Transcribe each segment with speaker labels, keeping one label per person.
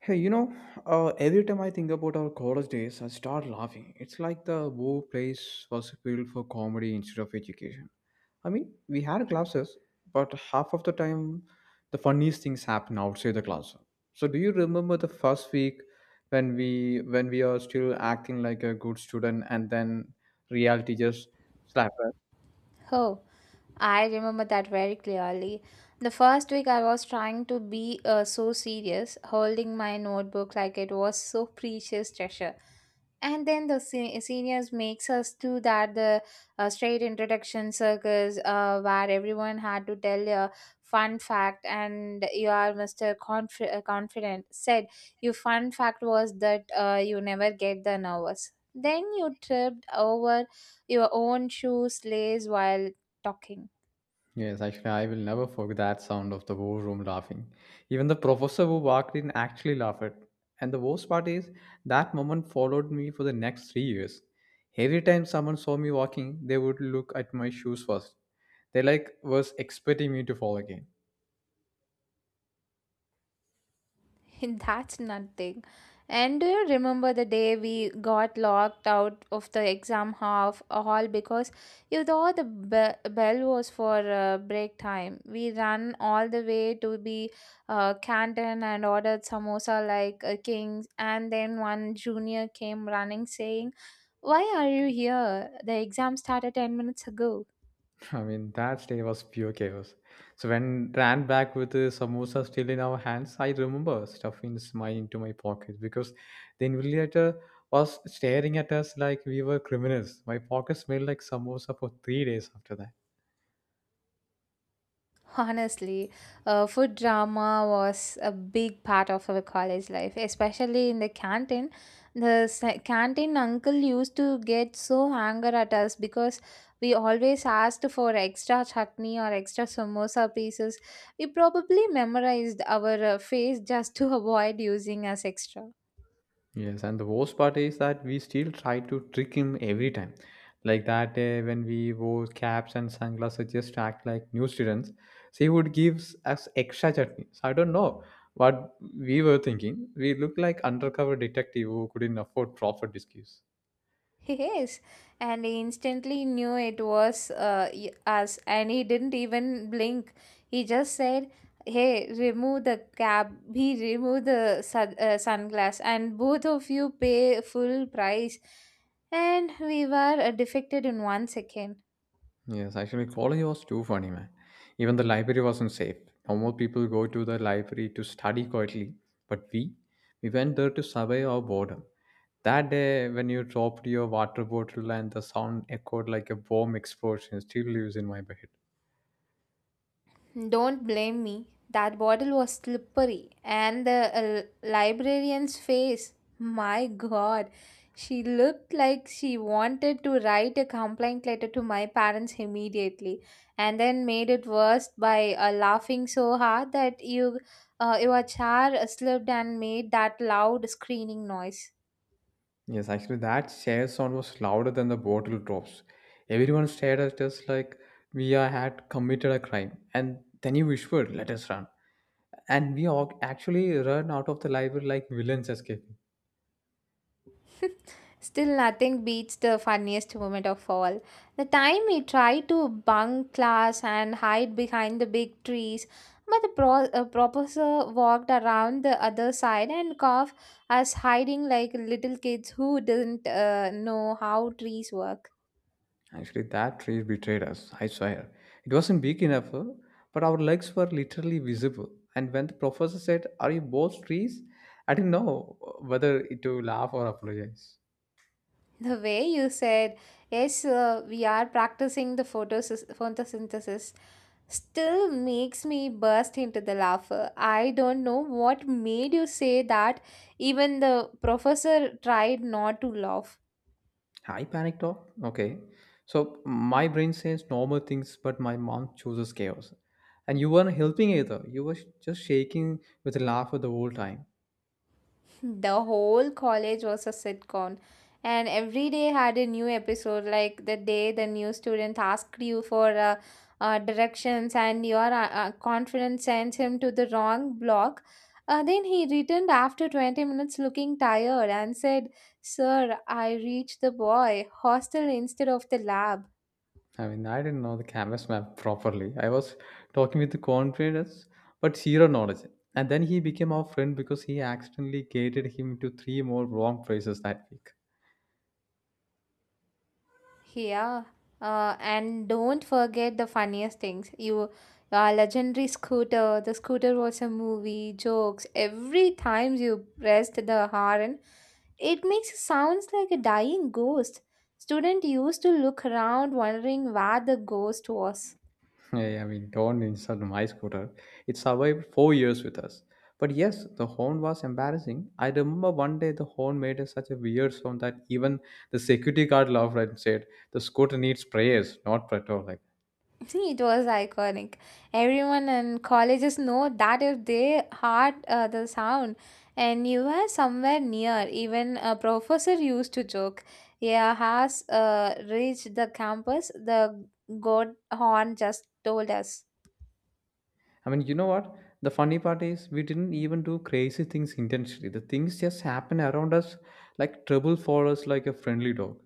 Speaker 1: Hey, you know, every time I think about our college days, I start laughing. It's like the whole place was built for comedy instead of education. I mean, we had classes, but half of the time, the funniest things happen outside the classroom. So, do you remember the first week when we are still acting like a good student, and then reality just slapped.
Speaker 2: Oh, I remember that very clearly. The first week I was trying to be so serious, holding my notebook like it was so precious treasure, and then the seniors makes us do that the straight introduction circus where everyone had to tell a fun fact. And you are Mr. Confident said your fun fact was that you never get the nervous, then you tripped over your own shoe lace while talking.
Speaker 1: Yes, actually, I will never forget that sound of the whole room laughing. Even the professor who walked in actually laughed. And the worst part is, that moment followed me for the next 3 years. Every time someone saw me walking, they would look at my shoes first. They like was expecting me to fall again.
Speaker 2: That's nothing. And do you remember the day we got locked out of the exam half hall because you thought the bell was for break time? We ran all the way to the canton and ordered samosa like a king. And then one junior came running saying, "Why are you here? The exam started 10 minutes ago."
Speaker 1: I mean, that day was pure chaos. So when ran back with the samosa still in our hands, I remember stuffing my into my pocket because the invigilator was staring at us like we were criminals. My pocket smelled like samosa for 3 days after that.
Speaker 2: Honestly, food drama was a big part of our college life, especially in the canteen. The canteen uncle used to get so angry at us because we always asked for extra chutney or extra samosa pieces. We probably memorized our face just to avoid using as extra.
Speaker 1: Yes, and the worst part is that we still try to trick him every time. Like that day when we wore caps and sunglasses, just to act like new students. So he would give us extra chutney. So I don't know what we were thinking. We looked like undercover detective who couldn't afford proper disguise.
Speaker 2: Yes, and he instantly knew it was us, and he didn't even blink. He just said, "Hey, remove the cap." He removed the sunglass, and both of you pay full price. And we were defected in one second.
Speaker 1: Yes, actually, college was too funny, man. Even the library wasn't safe. Normal people go to the library to study quietly, but we went there to survey our boredom. That day when you dropped your water bottle and the sound echoed like a bomb explosion still lives in my head.
Speaker 2: Don't blame me. That bottle was slippery, and the librarian's face. My god, she looked like she wanted to write a complaint letter to my parents immediately, and then made it worse by laughing so hard that your chair slipped and made that loud screaming noise.
Speaker 1: Yes, actually, that share sound was louder than the bottle drops. Everyone stared at us like had committed a crime. And then you whispered, let us run. And we all actually ran out of the library like villains escaping.
Speaker 2: Still, nothing beats the funniest moment of all. The time we tried to bunk class and hide behind the big trees, but the professor walked around the other side and coughed us hiding like little kids who didn't know how trees work.
Speaker 1: Actually, that tree betrayed us, I swear. It wasn't big enough, but our legs were literally visible. And when the professor said, are you both trees? I didn't know whether to laugh or apologize.
Speaker 2: The way you said, "Yes, we are practicing the photosynthesis," still makes me burst into the laughter. I don't know what made you say that. Even the professor tried not to laugh.
Speaker 1: I panicked off. Okay. So my brain says normal things, but my mom chooses chaos. And you weren't helping either. You were just shaking with a laugh the whole time.
Speaker 2: The whole college was a sitcom, and every day had a new episode. Like the day the new student asked you for directions, and your confidence sent him to the wrong block. Then he returned after 20 minutes looking tired and said, "Sir, I reached the boy hostel instead of the lab."
Speaker 1: I mean, I didn't know the campus map properly. I was talking with the confidence, but zero knowledge. And then he became our friend because he accidentally gated him to three more wrong phrases that week.
Speaker 2: Yeah, and don't forget the funniest things. You, our legendary scooter. The scooter was a movie. Jokes every time you pressed the horn, it makes sounds like a dying ghost. Student used to look around, wondering where the ghost was.
Speaker 1: Hey, I mean, don't insult my scooter. It survived 4 years with us. But yes, the horn was embarrassing. I remember one day the horn made a such a weird sound that even the security guard laughed and said, "The scooter needs prayers, not petrol," like
Speaker 2: See, it was iconic. Everyone in colleges know that if they heard the sound and you were somewhere near, even a professor used to joke, "Yeah, has reached the campus, the god horn just told us."
Speaker 1: I mean, you know what? The funny part is we didn't even do crazy things intentionally. The things just happen around us like trouble for us like a friendly dog.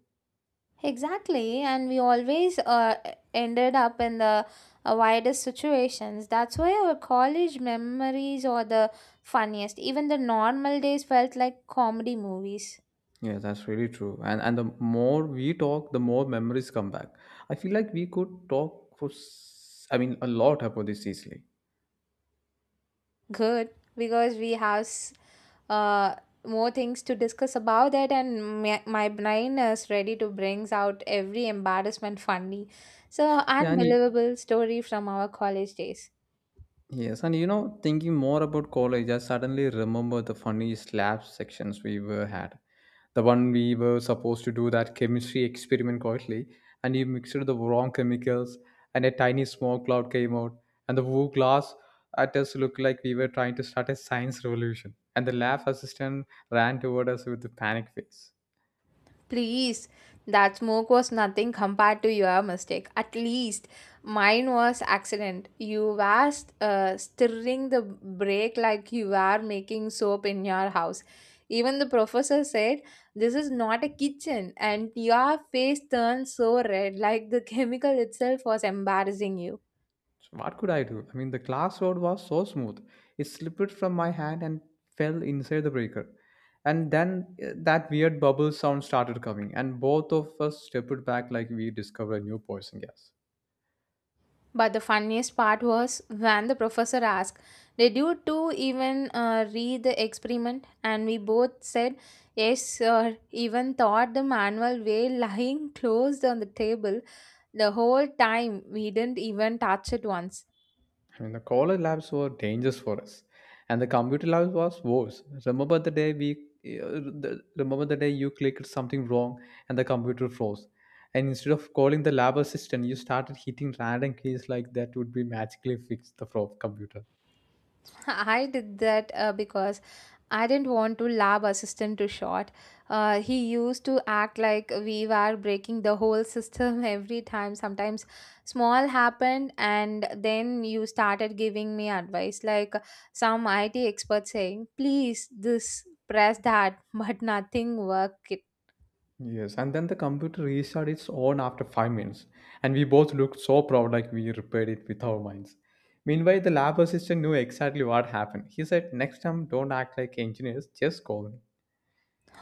Speaker 2: Exactly, and we always ended up in the widest situations. That's why our college memories are the funniest. Even the normal days felt like comedy movies.
Speaker 1: Yeah, that's really true. And the more we talk, the more memories come back. I feel like we could talk for I mean a lot about this easily.
Speaker 2: Good, because we have uh, more things to discuss about that, and my brain is ready to brings out every embarrassment funny, so
Speaker 1: Yeah, and
Speaker 2: unbelievable story from our college days.
Speaker 1: yes, and you know, thinking more about college, I suddenly remember the funny slab sections we were had. The one we were supposed to do that chemistry experiment quietly, and you mixed the wrong chemicals, and a tiny smoke cloud came out, and the whole class at us looked like we were trying to start a science revolution. And the lab assistant ran toward us with a panic face.
Speaker 2: Please, that smoke was nothing compared to your mistake. At least mine was accident. You were stirring the brake like you were making soap in your house. Even the professor said, "This is not a kitchen," and your face turned so red, like the chemical itself was embarrassing you.
Speaker 1: So what could I do? I mean, the glass rod was so smooth. It slipped from my hand and fell inside the breaker. And then that weird bubble sound started coming, and both of us stepped back like we discovered a new poison gas.
Speaker 2: But the funniest part was when the professor asked, "Did you two even read the experiment?" And we both said, "Yes, sir." Even thought the manual way lying closed on the table the whole time. We didn't even touch it once.
Speaker 1: I mean, the college labs were dangerous for us, and the computer lab was worse. Remember the day you clicked something wrong and the computer froze, and instead of calling the lab assistant, you started hitting random keys like that would be magically fix the computer.
Speaker 2: I did that because I didn't want to lab assistant to short. He used to act like we were breaking the whole system every time. Sometimes small happened, and then you started giving me advice like some IT expert saying, "Please, this press that," but nothing worked.
Speaker 1: Yes, and then the computer restarted its own after 5 minutes, and we both looked so proud like we repaired it with our minds. Meanwhile, the lab assistant knew exactly what happened. He said, next time, don't act like engineers, just call me.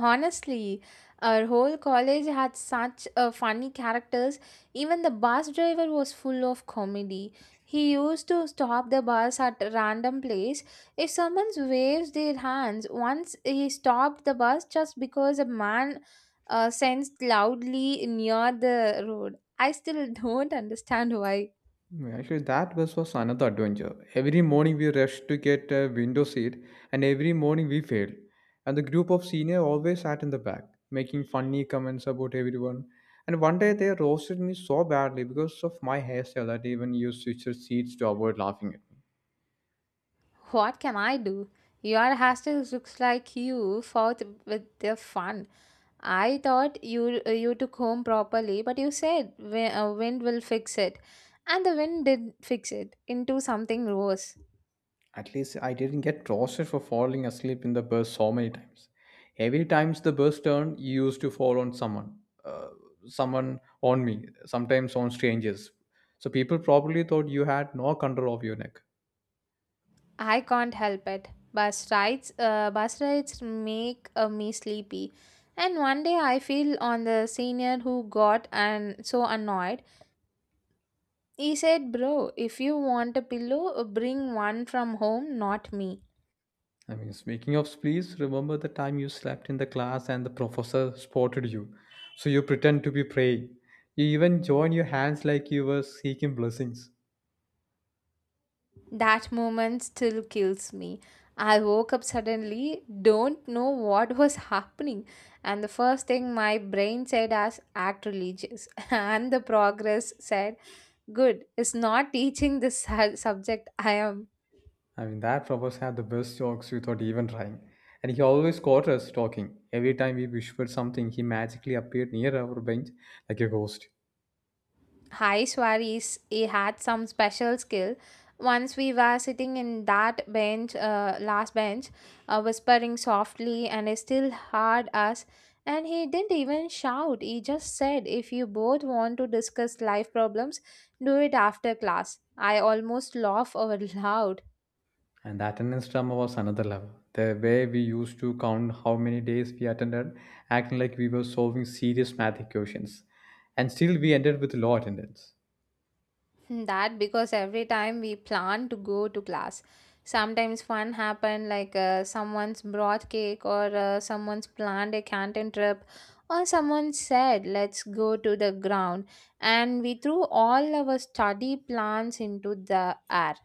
Speaker 2: Honestly, our whole college had such funny characters. Even the bus driver was full of comedy. He used to stop the bus at random place. If someone waves their hands, once he stopped the bus just because a man sensed loudly near the road. I still don't understand why.
Speaker 1: Mm, actually, that bus was another adventure. Every morning we rushed to get a window seat, and every morning we failed. And the group of senior always sat in the back, making funny comments about everyone. And one day they roasted me so badly because of my hairstyle that even you switched seats to avoid laughing at me.
Speaker 2: What can I do? Your hostel looks like you fought with the fun. I thought you took home properly, but you said wind will fix it, and the wind did fix it into something worse.
Speaker 1: At least I didn't get roasted for falling asleep in the bus so many times. Every times the bus turned, you used to fall on someone, uh, someone on me, sometimes on strangers. So people probably thought you had no control of your neck.
Speaker 2: I can't help it. Bus rides make me sleepy, and one day I feel on the senior who got and so annoyed. He said, "Bro, if you want a pillow, bring one from home, not me."
Speaker 1: I mean, speaking of sleeps, remember the time you slept in the class and the professor spotted you. So you pretend to be praying. You even join your hands like you were seeking blessings.
Speaker 2: That moment still kills me. I woke up suddenly, don't know what was happening, and the first thing my brain said as act religious, and the progress said, "Good, it's not teaching this subject I am."
Speaker 1: I mean, that Roberts had the best jokes without even trying. And he always caught us talking. Every time we whispered something, he magically appeared near our bench like a ghost.
Speaker 2: Hi Swaris, he had some special skill. Once we were sitting in last bench, whispering softly, and he still heard us. And he didn't even shout. He just said, "If you both want to discuss life problems, do it after class." I almost laughed out loud.
Speaker 1: And the attendance drama was another level. The way we used to count how many days we attended, acting like we were solving serious math equations. And still, we ended with low attendance.
Speaker 2: That because every time we plan to go to class, sometimes fun happen like someone's brought cake or someone's planned a canteen trip or someone said let's go to the ground, and we threw all our study plans into the air.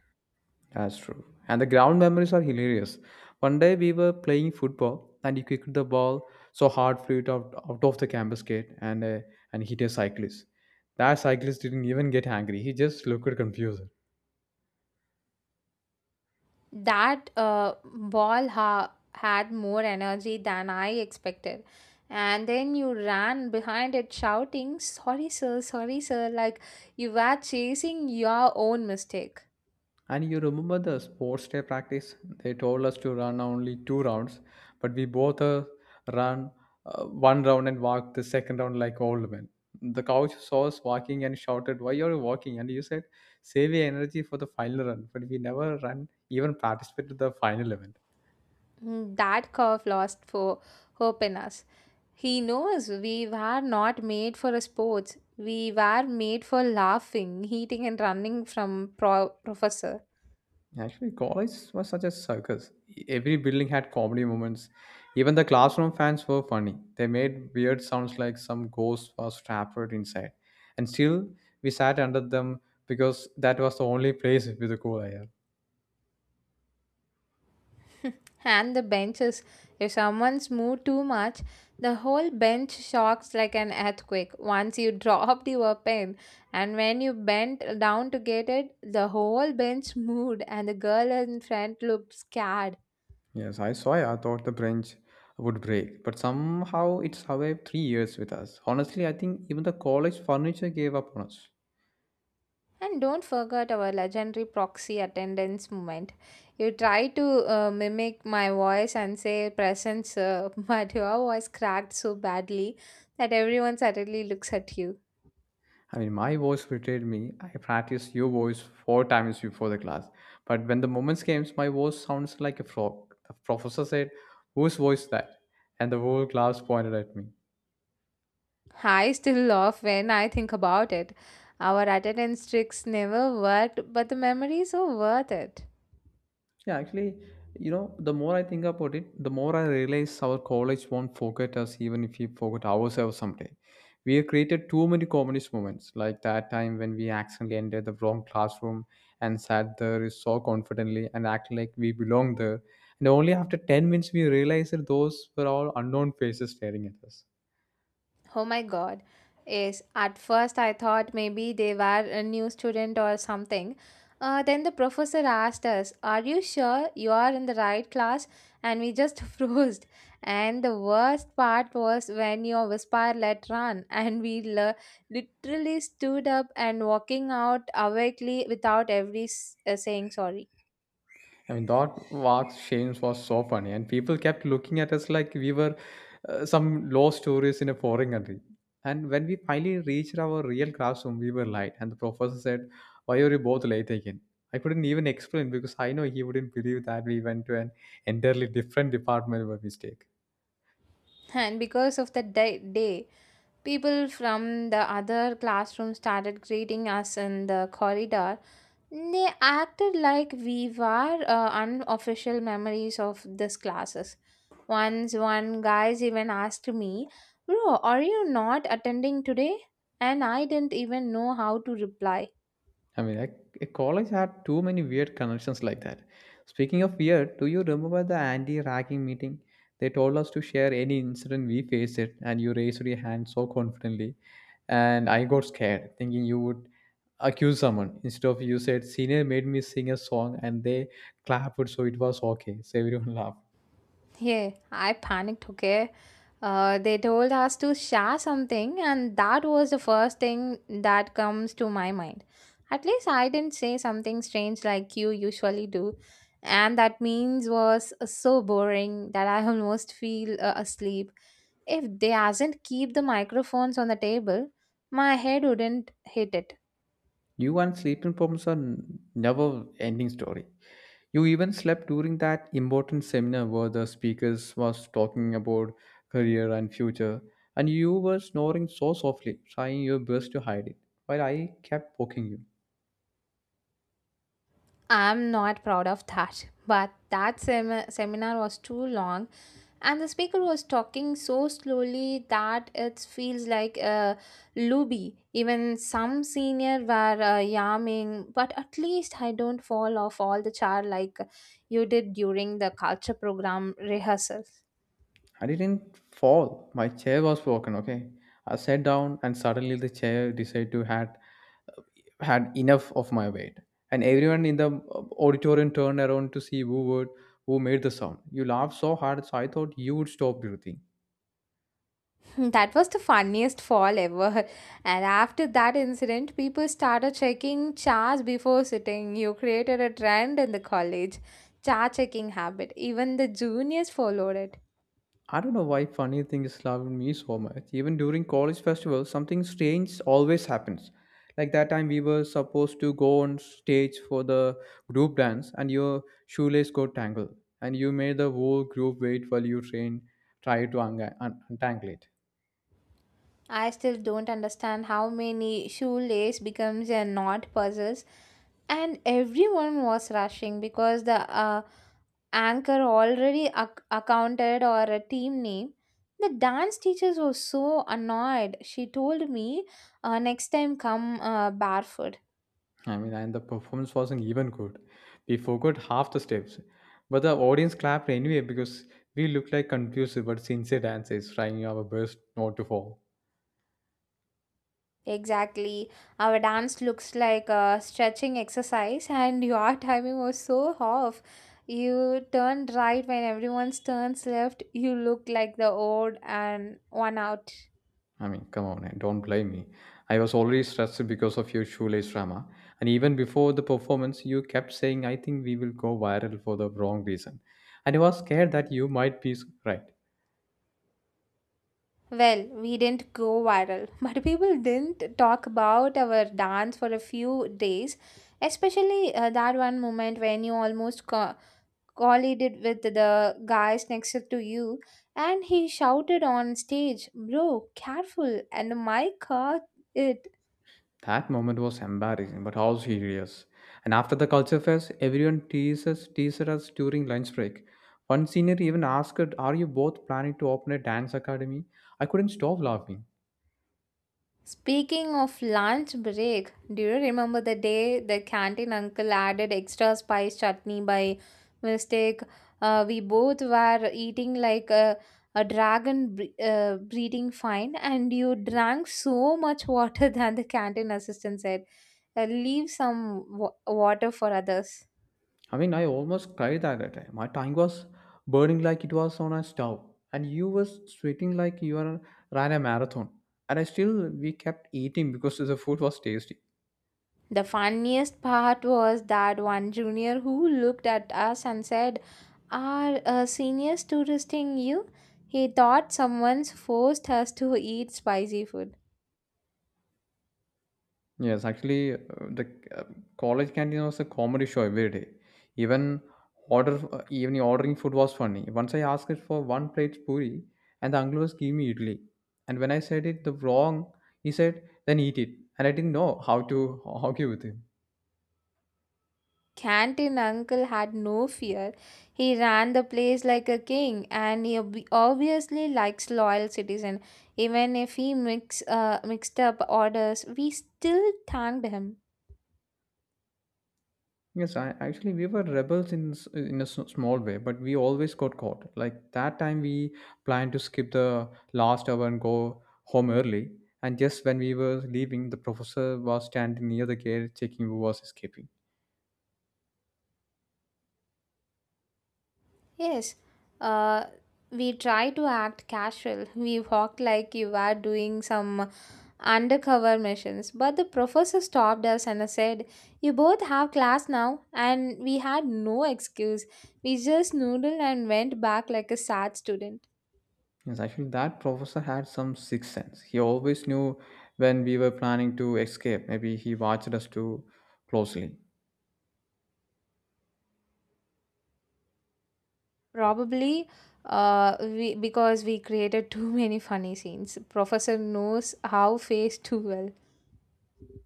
Speaker 1: That's true. And the ground memories are hilarious. One day we were playing football and he kicked the ball so hard flew it out, out of the campus gate and hit a cyclist. That cyclist didn't even get angry. He just looked confused.
Speaker 2: That ball had more energy than I expected. And then you ran behind it shouting, "Sorry, sir, sorry, sir," like you were chasing your own mistake.
Speaker 1: And you remember the sports day practice? They told us to run only two rounds, but we both ran one round and walked the second round like old men. The coach saw us walking and shouted, why are you walking? And you said, save your energy for the final run. But we never ran, even participated to the final event.
Speaker 2: That curve lost for hope in us. He knows we were not made for a sports. We were made for laughing, eating, and running from professor.
Speaker 1: Actually, college was such a circus. Every building had comedy moments. Even the classroom fans were funny. They made weird sounds like some ghost was trapped inside. And still, we sat under them because that was the only place with a cool air.
Speaker 2: And the benches. If someone's moved too much, the whole bench shocks like an earthquake. Once you dropped your pen, and when you bent down to get it, the whole bench moved, and the girl in front looked scared.
Speaker 1: Yes, I saw it. I thought the branch would break, but somehow it survived 3 years with us. Honestly, I think even the college furniture gave up on us.
Speaker 2: And don't forget our legendary proxy attendance moment. You try to mimic my voice and say "present sir," but your voice cracked so badly that everyone suddenly looks at you.
Speaker 1: I mean, my voice betrayed me. I practiced your voice four times before the class. But when the moments came, my voice sounds like a frog. The professor said, whose voice that? And the whole class pointed at me.
Speaker 2: I still laugh when I think about it. Our attendance tricks never worked, but the memories are worth it.
Speaker 1: Yeah, actually, you know, the more I think about it, the more I realize our college won't forget us even if we forget ourselves someday. We have created too many communist moments, like that time when we accidentally entered the wrong classroom and sat there so confidently and acted like we belonged there. And only after 10 minutes we realized that those were all unknown faces staring at us.
Speaker 2: Oh my god. Yes, at first I thought maybe they were a new student or something. Then the professor asked us, "Are you sure you are in the right class?" And we just froze. And the worst part was when your whisper let run, and we literally stood up and walking out awakely without every saying sorry.
Speaker 1: I mean, that Wax Shames was so funny, and people kept looking at us like we were some lost tourists in a foreign country. And when we finally reached our real classroom, we were late, and the professor said, "Why are you both late again?" I couldn't even explain because I know he wouldn't believe that we went to an entirely different department by mistake.
Speaker 2: And because of the day, people from the other classroom started greeting us in the corridor. They acted like we were unofficial memories of these classes. Once one guys even asked me, "Bro, are you not attending today?" And I didn't even know how to reply.
Speaker 1: I mean, like a college had too many weird connections like that. Speaking of weird, do you remember the anti-ragging meeting? They told us to share any incident we faced it, and you raised your hand so confidently, and I got scared, thinking you would accuse someone. Instead of you said, "Senior made me sing a song," and they clapped, so it was okay. So everyone laughed.
Speaker 2: Yeah, I panicked, okay? They told us to share something, and that was the first thing that comes to my mind. At least I didn't say something strange like you usually do. And that means was so boring that I almost feel asleep. If they hasn't keep the microphones on the table, my head wouldn't hit it.
Speaker 1: You and sleeping problems are never-ending story. You even slept during that important seminar where the speakers was talking about career and future, and you were snoring so softly, trying your best to hide it, while I kept poking you.
Speaker 2: I'm not proud of that. But that seminar was too long, and the speaker was talking so slowly that it feels like a luby. Even some senior were yamming, but at least I don't fall off all the chair like you did during the culture program rehearsal.
Speaker 1: I didn't fall. My chair was broken, okay? I sat down and suddenly the chair decided to had enough of my weight. And everyone in the auditorium turned around to see who made the sound. You laughed so hard, so I thought you would stop breathing.
Speaker 2: That was the funniest fall ever, and after that incident people started checking chairs before sitting. You created a trend in the college chair checking habit. Even the juniors followed it.
Speaker 1: I don't know why funny things love me so much. Even during college festival, something strange always happens. Like that time we were supposed to go on stage for the group dance and your shoelace got tangled. And you made the whole group wait while you train, try to un- un- untangle it.
Speaker 2: I still don't understand how many shoelace becomes a knot puzzles, and everyone was rushing because the anchor already accounted or a team name. The dance teachers were so annoyed. She told me, "Next time, come barefoot."
Speaker 1: And the performance wasn't even good. We forgot half the steps. But the audience clapped anyway because we looked like confused but sincere dancers trying our best not to fall.
Speaker 2: Exactly. Our dance looks like a stretching exercise, and your timing was so off. You turned right when everyone turns left. You looked like the old and one out.
Speaker 1: I mean, come on, and don't blame me. I was already stressed because of your shoelace drama. And even before the performance, you kept saying, I think we will go viral for the wrong reason. And I was scared that you might be right.
Speaker 2: Well, we didn't go viral, but people didn't talk about our dance for a few days, especially that one moment when you almost collided with the guys next to you, and he shouted on stage, "Bro, careful," and my car it.
Speaker 1: That moment was embarrassing, but how serious. And after the culture fest, everyone teases us during lunch break. One senior even asked, are you both planning to open a dance academy? I couldn't stop laughing.
Speaker 2: Speaking of lunch break, do you remember the day the canteen uncle added extra spice chutney by mistake? We both were eating like a dragon breeding fine, and you drank so much water than the canteen assistant said. Leave some water for others.
Speaker 1: I almost cried that time. My tongue was burning like it was on a stove, and you were sweating like you were ran a marathon. And I still we kept eating because the food was tasty.
Speaker 2: The funniest part was that one junior who looked at us and said, "Are seniors touristing you?" He thought someone's forced us to eat spicy food.
Speaker 1: Yes, actually, the uh, college canteen was a comedy show every day. Even ordering food was funny. Once I asked it for one plate puri, and the uncle was giving me idli. And when I said it the wrong, he said, "Then eat it." And I didn't know how to argue with him.
Speaker 2: Canteen uncle had no fear. He ran the place like a king, and he obviously likes loyal citizen. Even if he mixed up orders, we still thanked him.
Speaker 1: Yes, I actually we were rebels in a small way, but we always got caught. Like that time, we planned to skip the last hour and go home early. And just when we were leaving, the professor was standing near the gate checking who was escaping.
Speaker 2: Yes, uh, we tried to act casual. We walked like you were doing some undercover missions. But the professor stopped us and said, "You both have class now." And we had no excuse. We just noodled and went back like a sad student.
Speaker 1: Yes, actually, that professor had some sixth sense. He always knew when we were planning to escape. Maybe he watched us too closely.
Speaker 2: Probably because we created too many funny scenes, professor knows how face too well.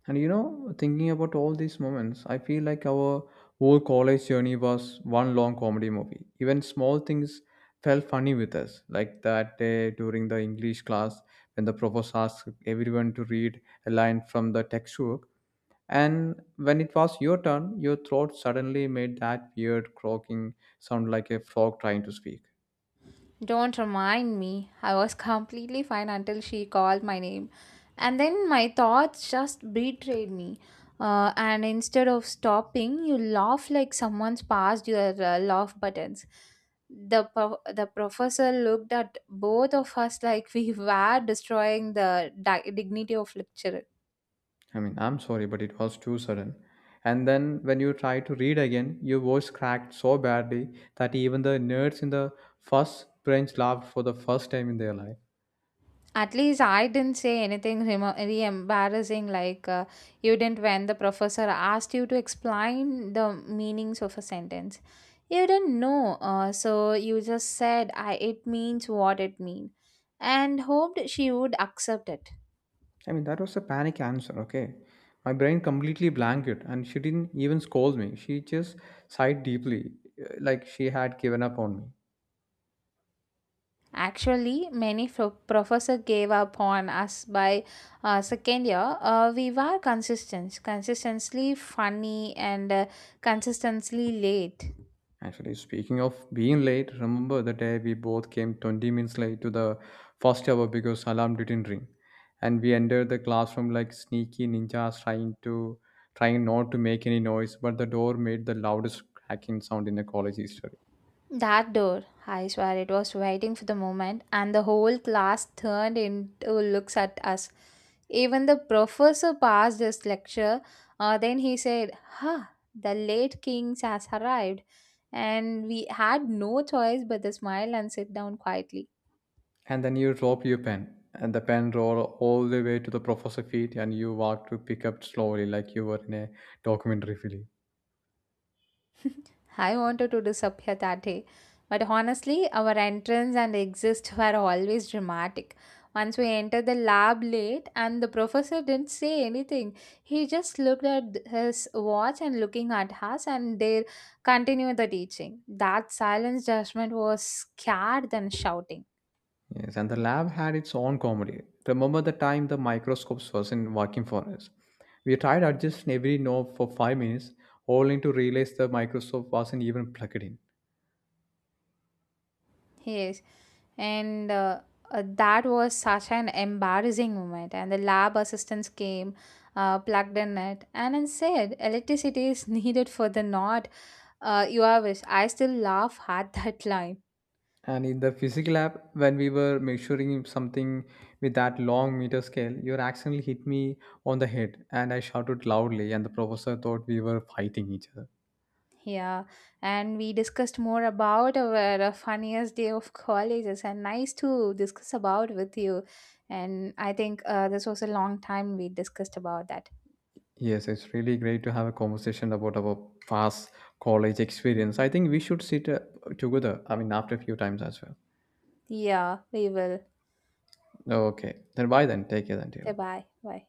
Speaker 1: And you know, thinking about all these moments, I feel like our whole college journey was one long comedy movie. Even small things felt funny with us, like that day during the English class when the professor asked everyone to read a line from the textbook. And when it was your turn, your throat suddenly made that weird croaking sound like a frog trying to speak.
Speaker 2: Don't remind me. I was completely fine until she called my name. And then my thoughts just betrayed me. And instead of stopping, you laugh like someone's passed your laugh buttons. The professor looked at both of us like we were destroying the dignity of lecture.
Speaker 1: I'm sorry, but it was too sudden. And then when you try to read again, your voice cracked so badly that even the nerds in the first bench laughed for the first time in their life.
Speaker 2: At least I didn't say anything really embarrassing, like you didn't when the professor asked you to explain the meanings of a sentence. You didn't know, so you just said it means what it means, and hoped she would accept it.
Speaker 1: I mean, that was a panic answer, okay? My brain completely blanked, and she didn't even scold me. She just sighed deeply, like she had given up on me.
Speaker 2: Actually, many professor gave up on us by second year. We were consistently funny and consistently late.
Speaker 1: Actually, speaking of being late, remember the day we both came 20 minutes late to the first hour because alarm didn't ring, and we entered the classroom like sneaky ninjas trying not to make any noise, but the door made the loudest cracking sound in the college history.
Speaker 2: That door, I swear it was waiting for the moment, and the whole class turned into looks at us. Even the professor passed his lecture. Then he said, "Ha, the late kings has arrived," and we had no choice but to smile and sit down quietly.
Speaker 1: And then you dropped your pen, and the pen rolled all the way to the professor's feet, and you walked to pick up slowly like you were in a documentary film.
Speaker 2: I wanted to disappear that day. But honestly, our entrance and exit were always dramatic. Once we entered the lab late, and the professor didn't say anything. He just looked at his watch and looking at us, and they continued the teaching. That silence judgment was scared than shouting.
Speaker 1: Yes, and the lab had its own comedy. Remember the time the microscopes wasn't working for us? We tried adjusting every knob for 5 minutes, only to realize the microscope wasn't even plugged in.
Speaker 2: Yes, and that was such an embarrassing moment. And the lab assistants came, plugged in it, and then said, "Electricity is needed for the knot. You are wish." I still laugh at that line.
Speaker 1: And in the physics lab, when we were measuring something with that long meter scale, your accidentally hit me on the head, and I shouted loudly, and the professor thought we were fighting each other.
Speaker 2: Yeah, and we discussed more about our funniest day of colleges, and nice to discuss about with you. And I think this was a long time we discussed about that.
Speaker 1: Yes, it's really great to have a conversation about our past college experience. I think we should sit together. After a few times as well.
Speaker 2: Yeah, we will.
Speaker 1: Oh, okay. Then bye then. Take care then,
Speaker 2: Bye
Speaker 1: dear.
Speaker 2: bye. Bye.